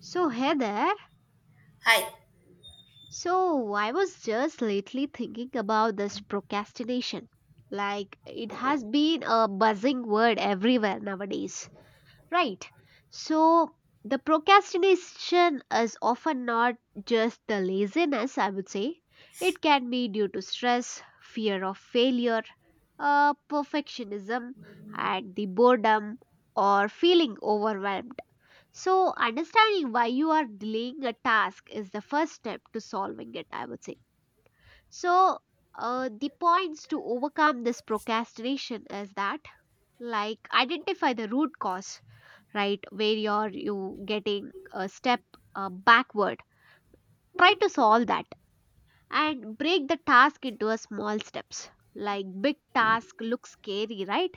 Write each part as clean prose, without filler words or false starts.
So, hey there. Hi. So, I was just lately thinking about this procrastination. Like, it has been a buzzing word everywhere nowadays, right? So, the procrastination is often not just the laziness, I would say. It can be due to stress, fear of failure, perfectionism, and the boredom or feeling overwhelmed. So, understanding why you are delaying a task is the first step to solving it, I would say. So, the points to overcome this procrastination is that, like, identify the root cause, right? Where you're you getting a step backward. Try to solve that and break the task into a small steps. Like, big task looks scary, right?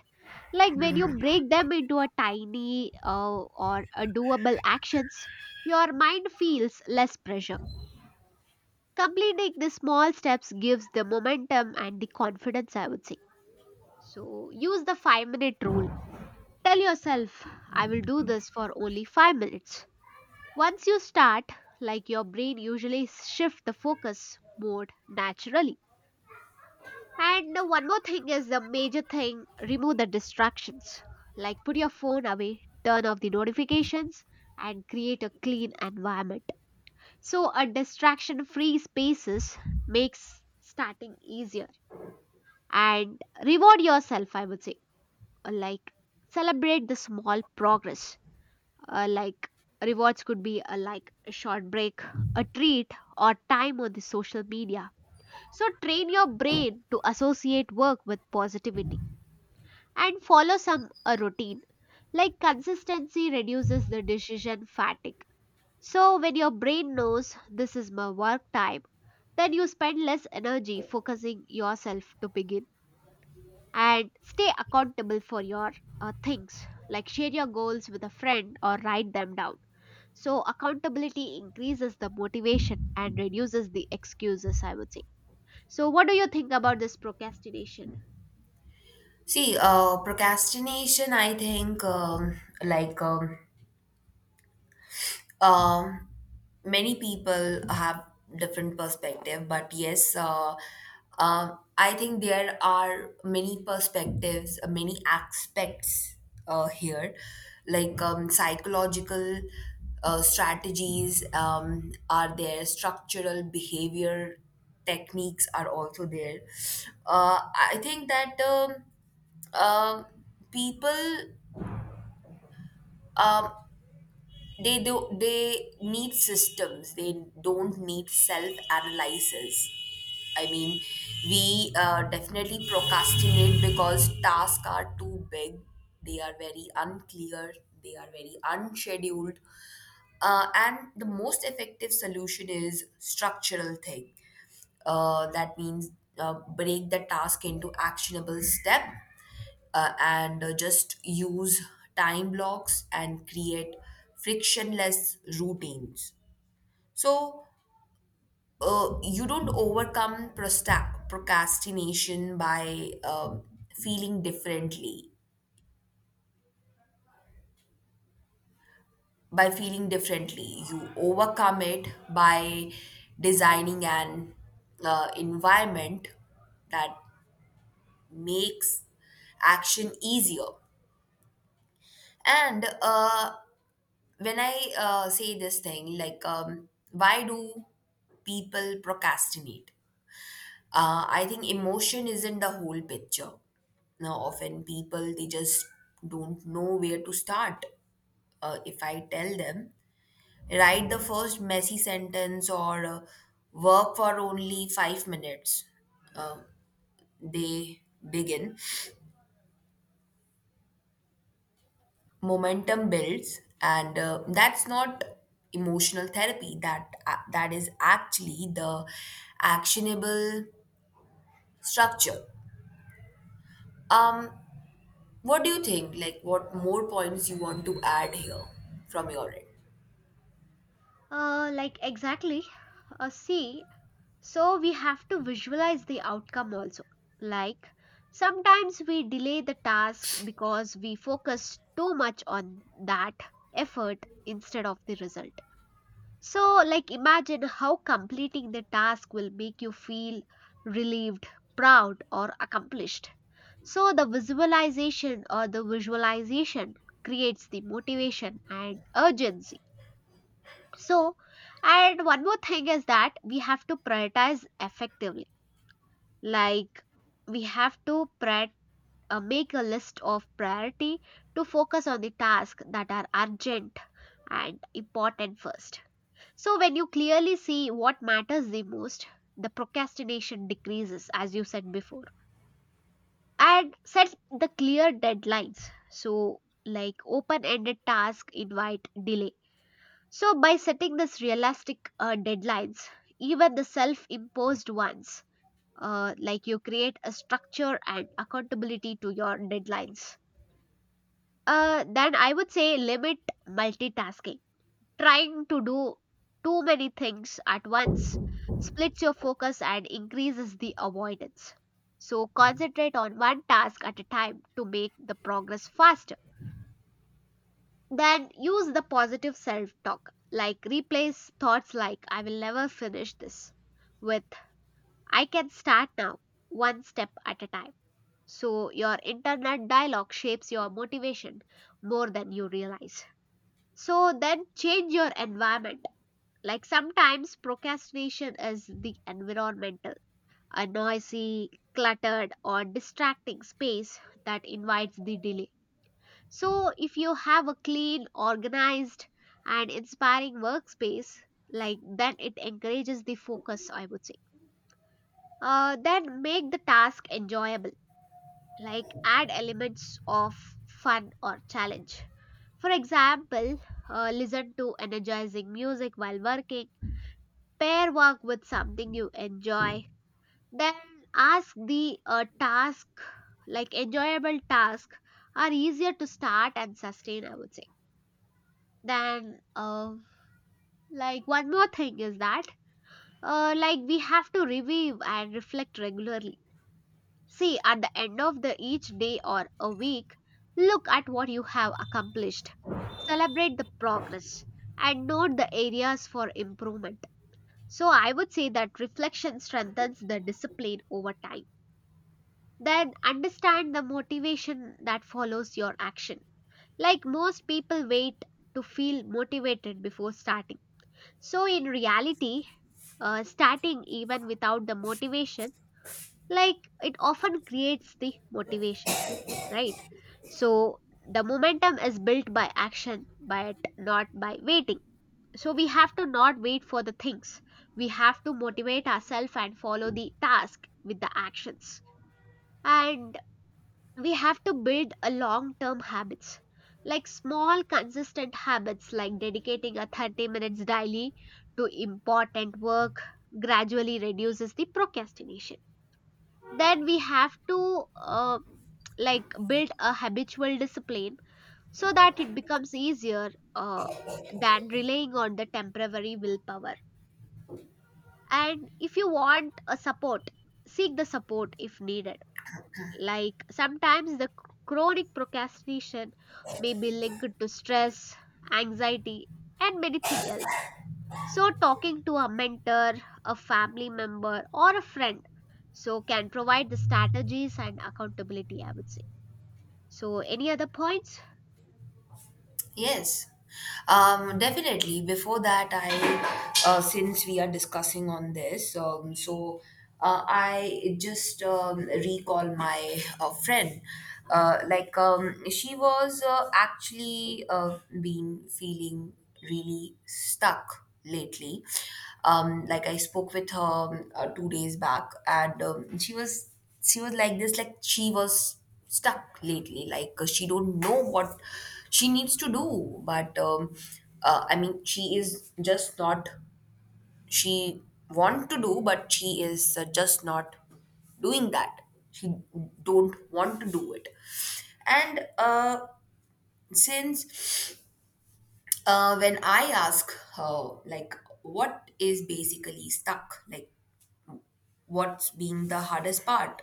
Like, when you break them into a tiny or a doable actions, your mind feels less pressure. Completing the small steps gives the momentum and the confidence, I would say. So use the 5-minute rule. Tell yourself, I will do this for only 5 minutes. Once you start, like your brain usually shift the focus mode naturally. And the one more thing is the major thing, remove the distractions. Like, put your phone away, turn off the notifications, and create a clean environment. So, a distraction free spaces makes starting easier. And reward yourself, I would say. Like, celebrate the small progress. Like, rewards could be a like a short break, a treat, or time on the social media. So train your brain to associate work with positivity and follow some a routine. Like, consistency reduces the decision fatigue. So when your brain knows this is my work time, then you spend less energy focusing yourself to begin and stay accountable for your things, like share your goals with a friend or write them down. So accountability increases the motivation and reduces the excuses, I would say. So what do you think about this procrastination? See, procrastination, I think, Um, many people have different perspective, but yes, I think there are many perspectives, many aspects here, like psychological strategies are there, structural behavior techniques are also there. I think that um people. Um, they need systems. They don't need self analysis. I mean, we definitely procrastinate because tasks are too big. They are very unclear. They are very unscheduled. And the most effective solution is structural thing, that means break the task into actionable step, and just use time blocks and create frictionless routines. So you don't overcome procrastination by feeling differently. By feeling differently, you overcome it by designing an environment that makes action easier. And when I say this thing, like, why do people procrastinate? I think emotion isn't the whole picture. Now, often people they just don't know where to start. If I tell them, write the first messy sentence or work for only 5 minutes, uh, they begin. Momentum builds and that's not emotional therapy, that is actually the actionable structure. um what do you think, like what more points you want to add here from your end? Like, exactly. See. So we have to visualize the outcome also. Like, sometimes we delay the task because we focus too much on that effort instead of the result. So, like, imagine how completing the task will make you feel relieved, proud, or accomplished. So, the visualization or the visualization creates the motivation and urgency. So, and one more thing is that we have to prioritize effectively. Like, we have to make a list of priority to focus on the tasks that are urgent and important first. So when you clearly see what matters the most, the procrastination decreases, as you said before. And set the clear deadlines, so like open ended task invite delay. So by setting this realistic deadlines, even the self imposed ones, like, you create a structure and accountability to your deadlines. Then I would say limit multitasking. Trying to do too many things at once splits your focus and increases the avoidance. So concentrate on one task at a time to make the progress faster. Then use the positive self talk, like replace thoughts like I will never finish this with I can start now, one step at a time. So, your internet dialogue shapes your motivation more than you realize. So, then change your environment. Like, sometimes procrastination is the environmental, a noisy, cluttered, or distracting space that invites the delay. So, if you have a clean, organized, and inspiring workspace, like then it encourages the focus, I would say. Then make the task enjoyable, like add elements of fun or challenge. For example, listen to energizing music while working, pair work with something you enjoy, then ask the task, like enjoyable task are easier to start and sustain, I would say. Then, like one more thing is that, like, we have to review and reflect regularly. See, at the end of the each day or a week, look at what you have accomplished. Celebrate the progress and note the areas for improvement. So I would say that reflection strengthens the discipline over time. Then understand the motivation that follows your action. Like most people wait to feel motivated before starting. So in reality, starting even without the motivation, like, it often creates the motivation, right? So the momentum is built by action, but not by waiting. So we have to not wait for the things. We have to motivate ourselves and follow the task with the actions. And we have to build a long-term habits. Like, small consistent habits like dedicating a 30 minutes daily to important work gradually reduces the procrastination. Then we have to, like, build a habitual discipline so that it becomes easier than relying on the temporary willpower. And if you want a support, seek the support if needed. Like, sometimes the chronic procrastination may be linked to stress, anxiety, and many things else. So, talking to a mentor, a family member, or a friend so can provide the strategies and accountability, I would say. So, any other points? Yes, definitely. Before that, I, since we are discussing on this, I just recall my friend. She was actually been feeling really stuck lately. Like I spoke with her 2 days back, and she was like this, like she was stuck lately, she don't know what she needs to do, but I mean she is just not, she want to do but she is just not doing that, she don't want to do it, and since when I ask her like what is basically stuck, like what's being the hardest part.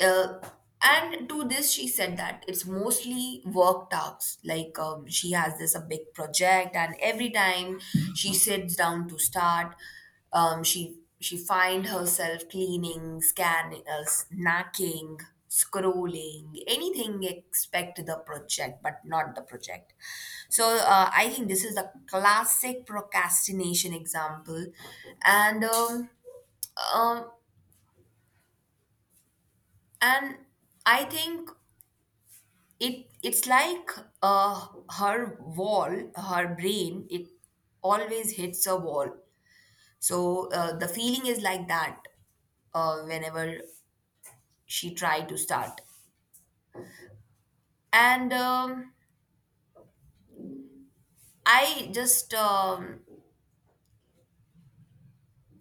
Uh, and to this, she said that it's mostly work tasks. Like she has this a big project, and every time she sits down to start, she find herself cleaning, scanning, snacking, scrolling, anything except the project, but not the project. So I think this is a classic procrastination example, and. Um, um, and I think it's like, uh, her wall, her brain it always hits a wall. So the feeling is like that, whenever she tried to start. and um, i just um,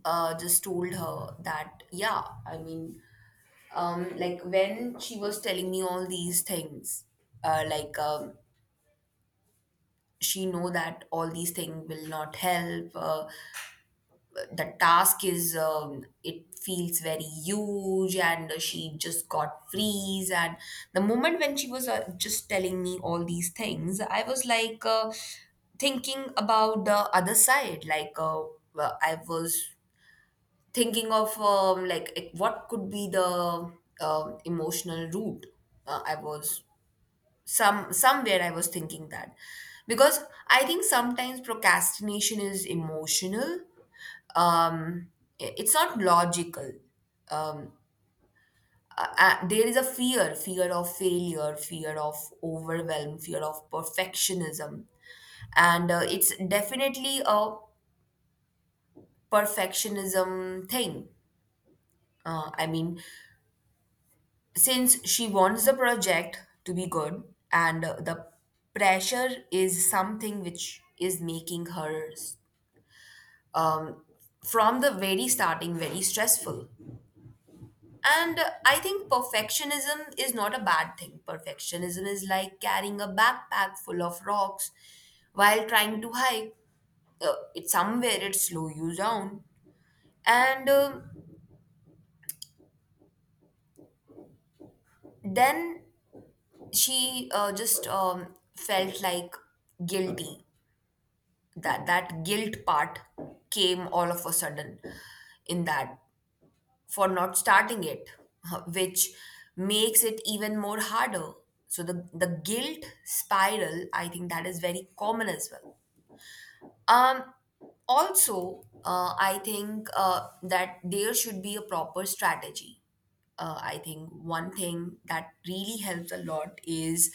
uh, just told her that, yeah, I mean, like when she was telling me all these things, uh, like um, she know that all these things will not help. The task is, it feels very huge and she just got freeze, and the moment when she was just telling me all these things, I was like thinking about the other side, like well, I was thinking of, like what could be the emotional root. Uh, i was some somewhere I was thinking that, because I think sometimes procrastination is emotional. um, it's not logical. Um, there is a fear, fear of failure, fear of overwhelm, fear of perfectionism, and it's definitely a perfectionism thing. I mean, since she wants the project to be good, and the pressure is something which is making her, um, from the very starting, very stressful. And I think perfectionism is not a bad thing. Perfectionism is like carrying a backpack full of rocks while trying to hike. It's somewhere it slow you down. And then she just felt like guilty. That guilt part came all of a sudden in that, for not starting it, which makes it even more harder. So the guilt spiral, I think that is very common as well. Um, Also, I think that there should be a proper strategy. I think one thing that really helps a lot is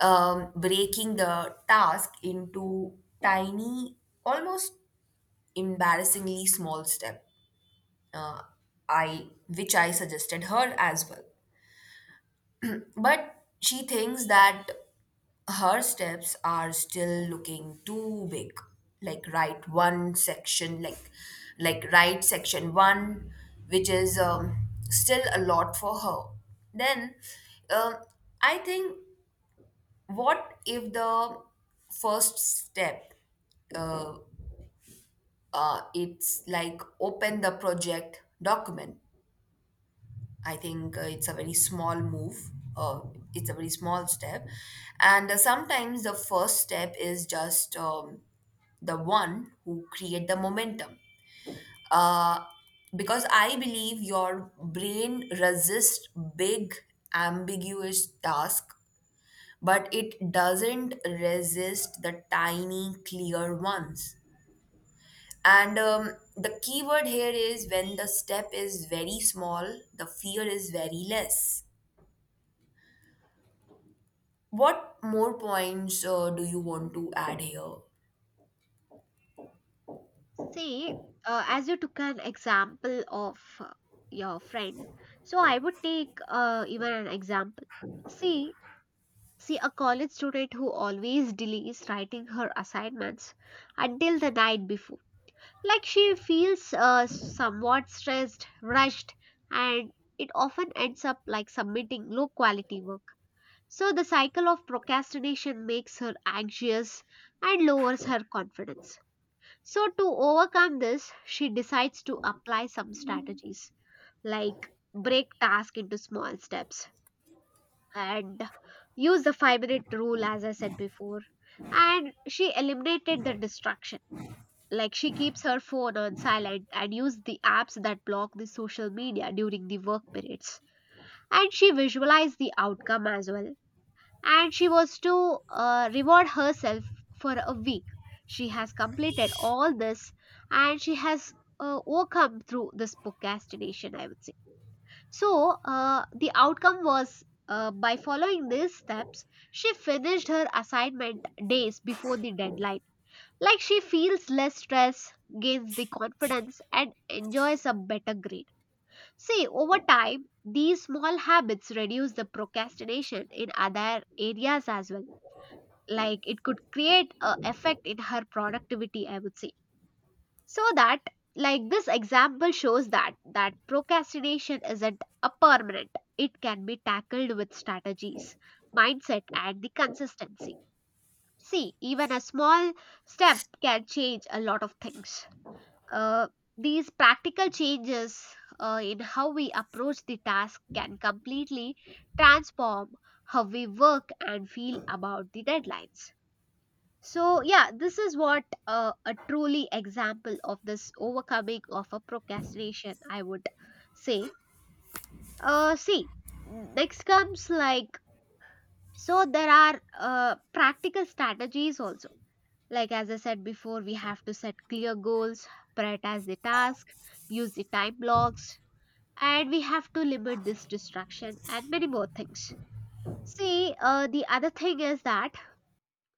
breaking the task into tiny, almost embarrassingly small steps, uh, I which I suggested her as well. But she thinks that her steps are still looking too big. Like write one section, like write section one, which is still a lot for her. Then um, I think, what if the first step, uh, it's like open the project document. I think it's a very small move. Uh, it's a very small step. And sometimes the first step is just the one who create the momentum. Uh, because I believe your brain resists big, ambiguous task, but it doesn't resist the tiny, clear ones. And the keyword here is, when the step is very small, the fear is very less. What more points do you want to add here? See, as you took an example of your friend, so I would take even an example. See, see a college student who always delays writing her assignments until the night before. Like, she feels somewhat stressed, rushed, and it often ends up like submitting low quality work. So the cycle of procrastination makes her anxious and lowers her confidence. So, to overcome this, she decides to apply some strategies, like break task into small steps and use the 5 minute rule, as I said before. And she eliminated the distraction. Like, she keeps her phone on silent and use the apps that block the social media during the work periods. And she visualized the outcome as well, and she was to reward herself for a week. She has completed all this and she has overcome through this procrastination, I would say. So, the outcome was, by following these steps, she finished her assignment days before the deadline. Like, she feels less stress, gains the confidence, and enjoys a better grade. See, over time, these small habits reduce the procrastination in other areas as well. Like, it could create a effect in her productivity, I would say. So that, like, this example shows that that procrastination isn't a permanent, it can be tackled with strategies, mindset and the consistency. See, even a small step can change a lot of things. uh, these practical changes in how we approach the task can completely transform how we work and feel about the deadlines. So yeah, this is what, a truly example of this overcoming of a procrastination, I would say. See, next comes like, so there are practical strategies also. Like, as I said before, we have to set clear goals, prioritize the task, use the time blocks, and we have to limit this distraction and many more things. See, the other thing is that,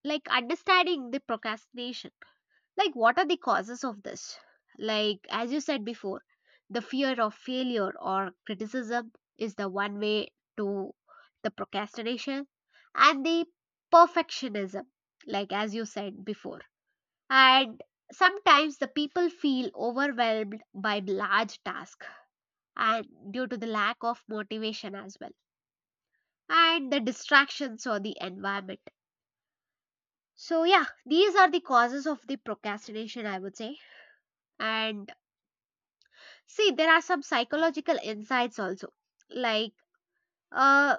like, understanding the procrastination, like what are the causes of this, like as you said before, the fear of failure or criticism is the one way to the procrastination, and the perfectionism, like as you said before. And sometimes the people feel overwhelmed by large tasks and due to the lack of motivation as well, and the distractions or the environment. So yeah, these are the causes of the procrastination, I would say. And see, there are some psychological insights also, like uh,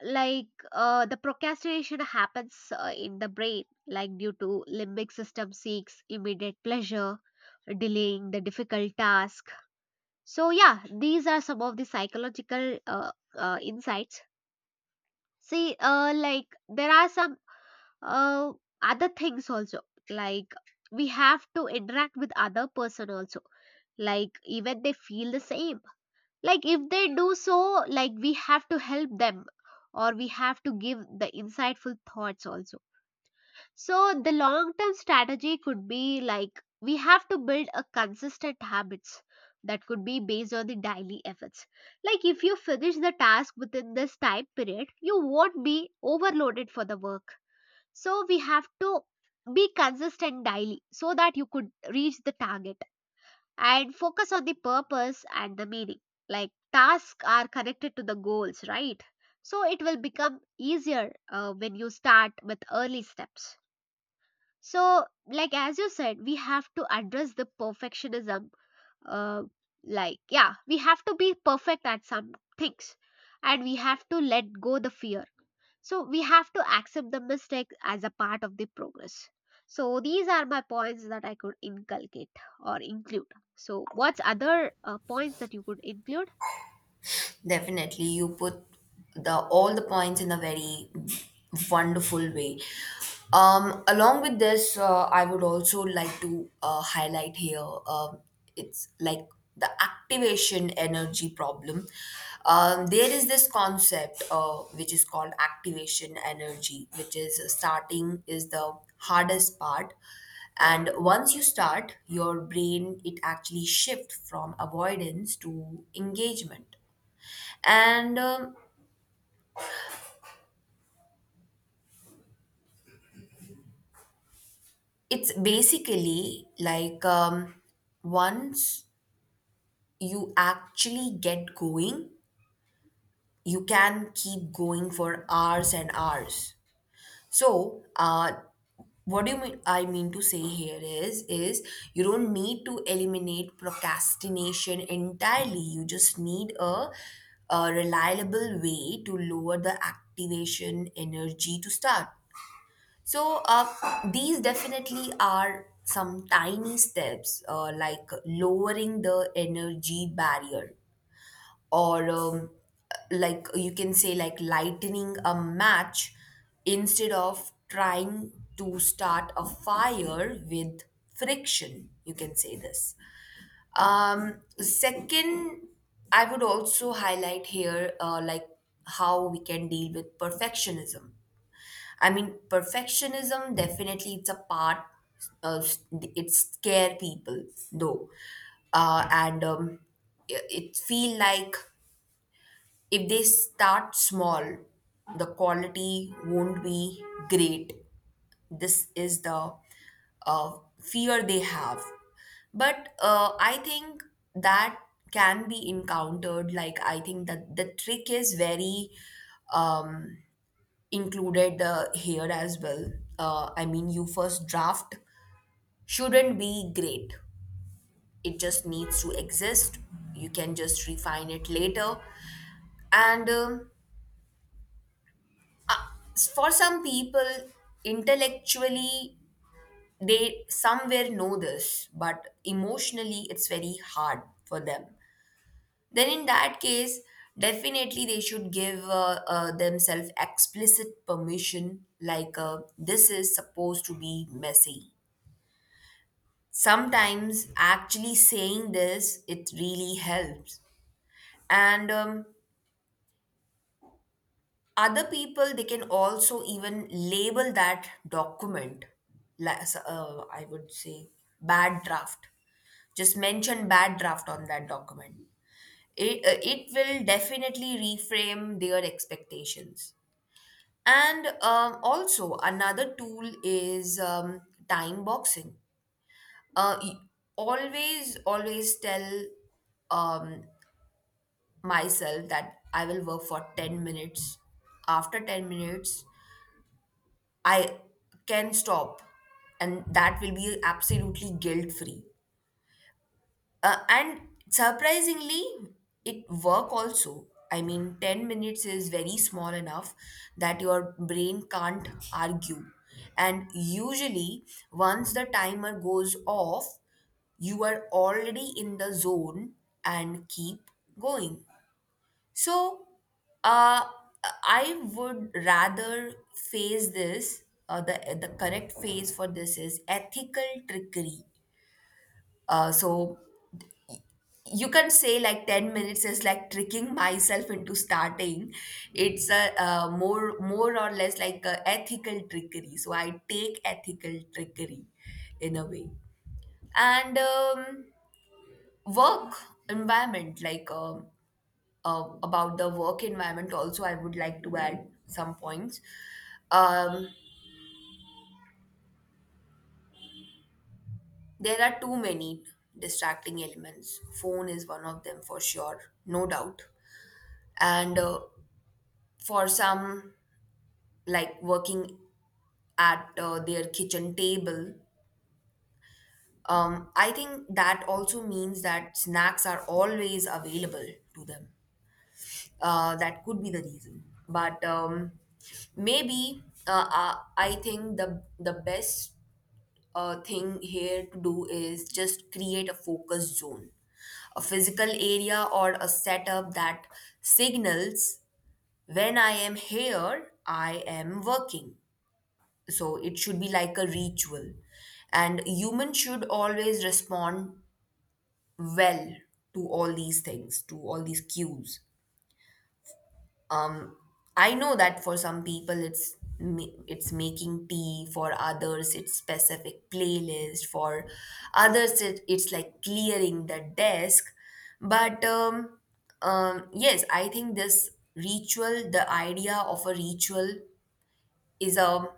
like, the procrastination happens in the brain, like due to limbic system seeks immediate pleasure, delaying the difficult task. So yeah, these are some of the psychological insights. See, like there are some uh, other things also, like we have to interact with other person also, like even they feel the same, like if they do so, like we have to help them or we have to give the insightful thoughts also. So the long term strategy could be like, we have to build a consistent habits that could be based on the daily efforts. Like, if you finish the task within this time period you won't be overloaded for the work. So we have to be consistent daily so that you could reach the target and focus on the purpose and the meaning. Like, tasks are connected to the goals, right? So it will become easier when you start with early steps. So, like as you said, we have to address the perfectionism. Uh, like, yeah, we have to be perfect at some things, and we have to let go the fear. So we have to accept the mistake as a part of the progress. So these are my points that I could inculcate or include. So what's other points that you could include? Definitely, you put the all the points in a very wonderful way. Along with this, I would also like to highlight here. It's like the activation energy problem. There is this concept, which is called activation energy, which is starting is the hardest part, and once you start your brain it actually shift from avoidance to engagement. And it's basically like, once you actually get going, you can keep going for hours and hours. So what do you mean, I mean to say here is you don't need to eliminate procrastination entirely, you just need a reliable way to lower the activation energy to start. So these definitely are some tiny steps, like lowering the energy barrier, or like you can say, like lightening a match instead of trying to start a fire with friction. You can say this. Second, I would also highlight here, like how we can deal with perfectionism. I mean, perfectionism, definitely it's a part. Uh, it scare people though, and it it feel like if they start small, the quality won't be great. This is the uh, fear they have, but I think that can be encountered. Like I think that the trick is very. Um, Included here as well. I mean, you first draft shouldn't be great. It just needs to exist. You can just refine it later. And for some people, intellectually, they somewhere know this, but emotionally, it's very hard for them. Then, in that case, definitely they should give themselves explicit permission like, this is supposed to be messy. Sometimes actually saying this it really helps. And other people they can also even label that document, I would say, bad draft. Just mention bad draft on that document. It, it will definitely reframe their expectations. And also another tool is, time boxing. Uh, y- always always tell um, myself that I will work for 10 minutes. After 10 minutes, I can stop, and that will be absolutely guilt free. And surprisingly, it work also. I mean, 10 minutes is very small enough that your brain can't argue. And usually, once the timer goes off, you are already in the zone and keep going. So, uh, I would rather phase this. The correct phase for this is ethical trickery. So you can say, like 10 minutes is like tricking myself into starting. It's a more or less like a ethical trickery. So I take ethical trickery in a way. And work environment like, about the work environment also, I would like to add some points. um, there are too many distracting elements. Phone is one of them for sure, no doubt. And for some, like working at their kitchen table, I think that also means that snacks are always available to them. That could be the reason, but maybe I think the best thing here to do is just create a focus zone, a physical area or a setup that signals, when I am here, I am working. So it should be like a ritual. And human should always respond well to all these things, to all these cues. um, I know that for some people it's it's making tea, for others it's specific playlist, for others it's like clearing the desk. But yes, I think this ritual, the idea of a ritual, is a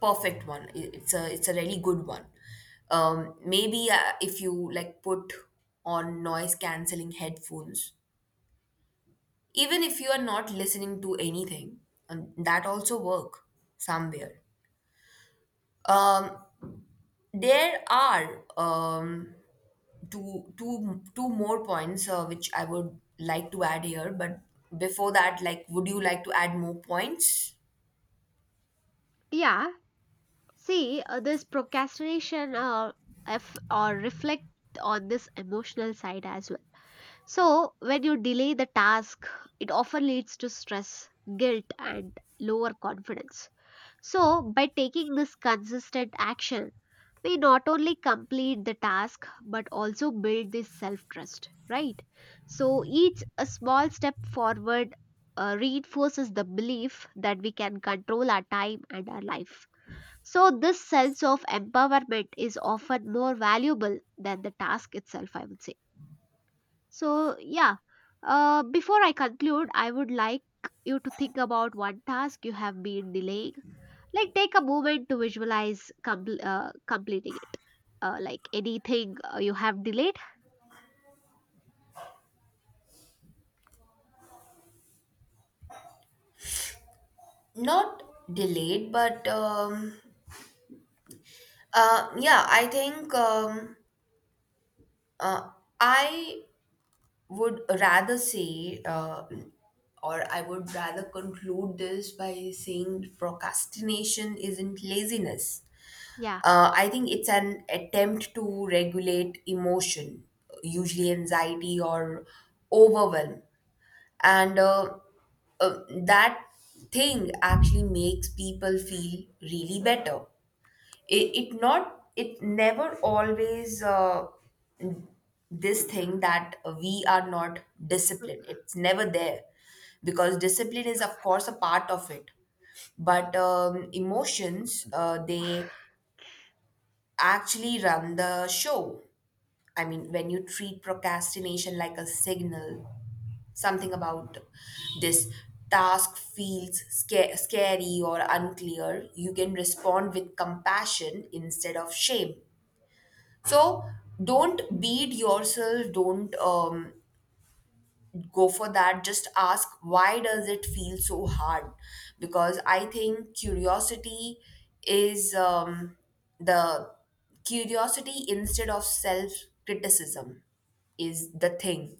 perfect one. It's a really good one. Maybe if you like put on noise canceling headphones, even if you are not listening to anything, and that also work somewhere. um, there are, two more points, which I would like to add here, but before that, like would you like to add more points? Yeah, see, this procrastination, if or reflect on this emotional side as well. So when you delay the task, it often leads to stress, guilt, and lower confidence. So by taking this consistent action we not only complete the task but also build this self trust, right? So each a small step forward reinforces the belief that we can control our time and our life. So this sense of empowerment is often more valuable than the task itself, I would say. So yeah, before I conclude, I would like you to think about one task you have been delaying, like take a moment to visualize completing it, like anything you have delayed. Not delayed, but yeah, I think, uh, I would rather say, or I would rather conclude this by saying, procrastination isn't laziness. Yeah, I think it's an attempt to regulate emotion, usually anxiety or overwhelm. And that thing actually makes people feel really better. it, it not, it never always, this thing that we are not disciplined, it's never there, because discipline is of course a part of it. But emotions, they actually run the show. I mean, when you treat procrastination like a signal, something about this task feels scary or unclear, you can respond with compassion instead of shame. So don't beat yourself. Don't go for that. Just ask, why does it feel so hard? Because I think curiosity is, the curiosity instead of self criticism is the thing.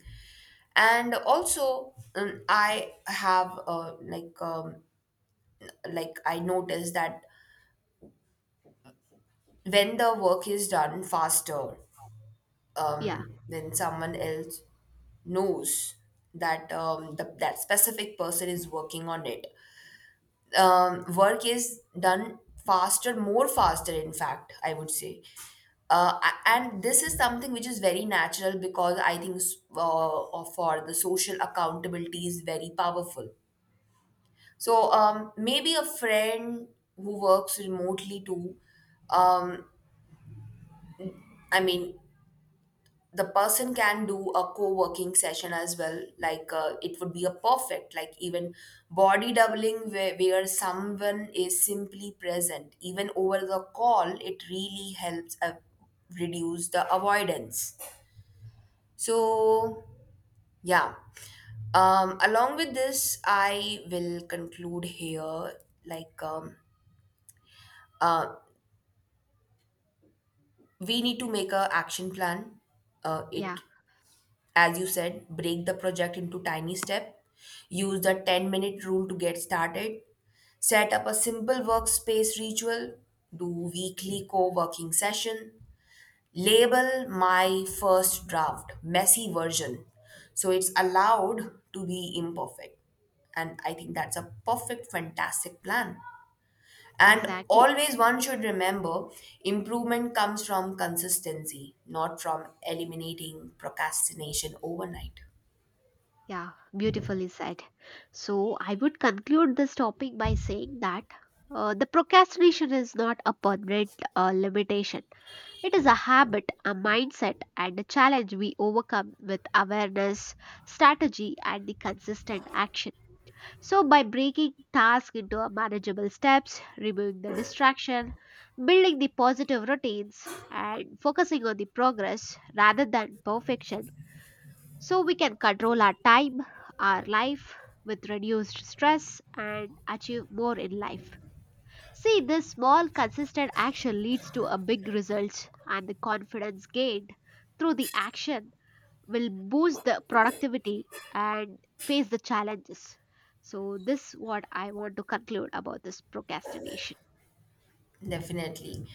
And also I have like I noticed that, when the work is done faster, yeah, when someone else knows that, that specific person is working on it. Work is done faster, more faster, in fact, I would say. And this is something which is very natural, because I think for the social accountability is very powerful. So maybe a friend who works remotely too. Um, I mean, the person can do a co-working session as well, like it would be a perfect, like even body doubling, where someone is simply present even over the call, it really helps reduce the avoidance. So yeah. Along with this, I will conclude here. like um uh we need to make a action plan. Yeah, It As you said, break the project into tiny steps, use the 10-minute rule to get started, set up a simple workspace ritual, do weekly co working session, label my first draft, messy version, so it's allowed to be imperfect. And I think that's a perfect, fantastic plan. And exactly. always one should remember, improvement comes from consistency, not from eliminating procrastination overnight. Yeah, beautifully said. So I would conclude this topic by saying that, the procrastination is not a permanent limitation, it is a habit, a mindset and a challenge we overcome with awareness, strategy and the consistent action. So, by breaking tasks into a manageable steps, removing the distraction, building the positive routines, and focusing on the progress rather than perfection, so we can control our time, our life with reduced stress, and achieve more in life. See, this small, consistent action leads to a big results and the confidence gained through the action will boost the productivity and face the challenges. So this what I want to conclude about this procrastination. Definitely.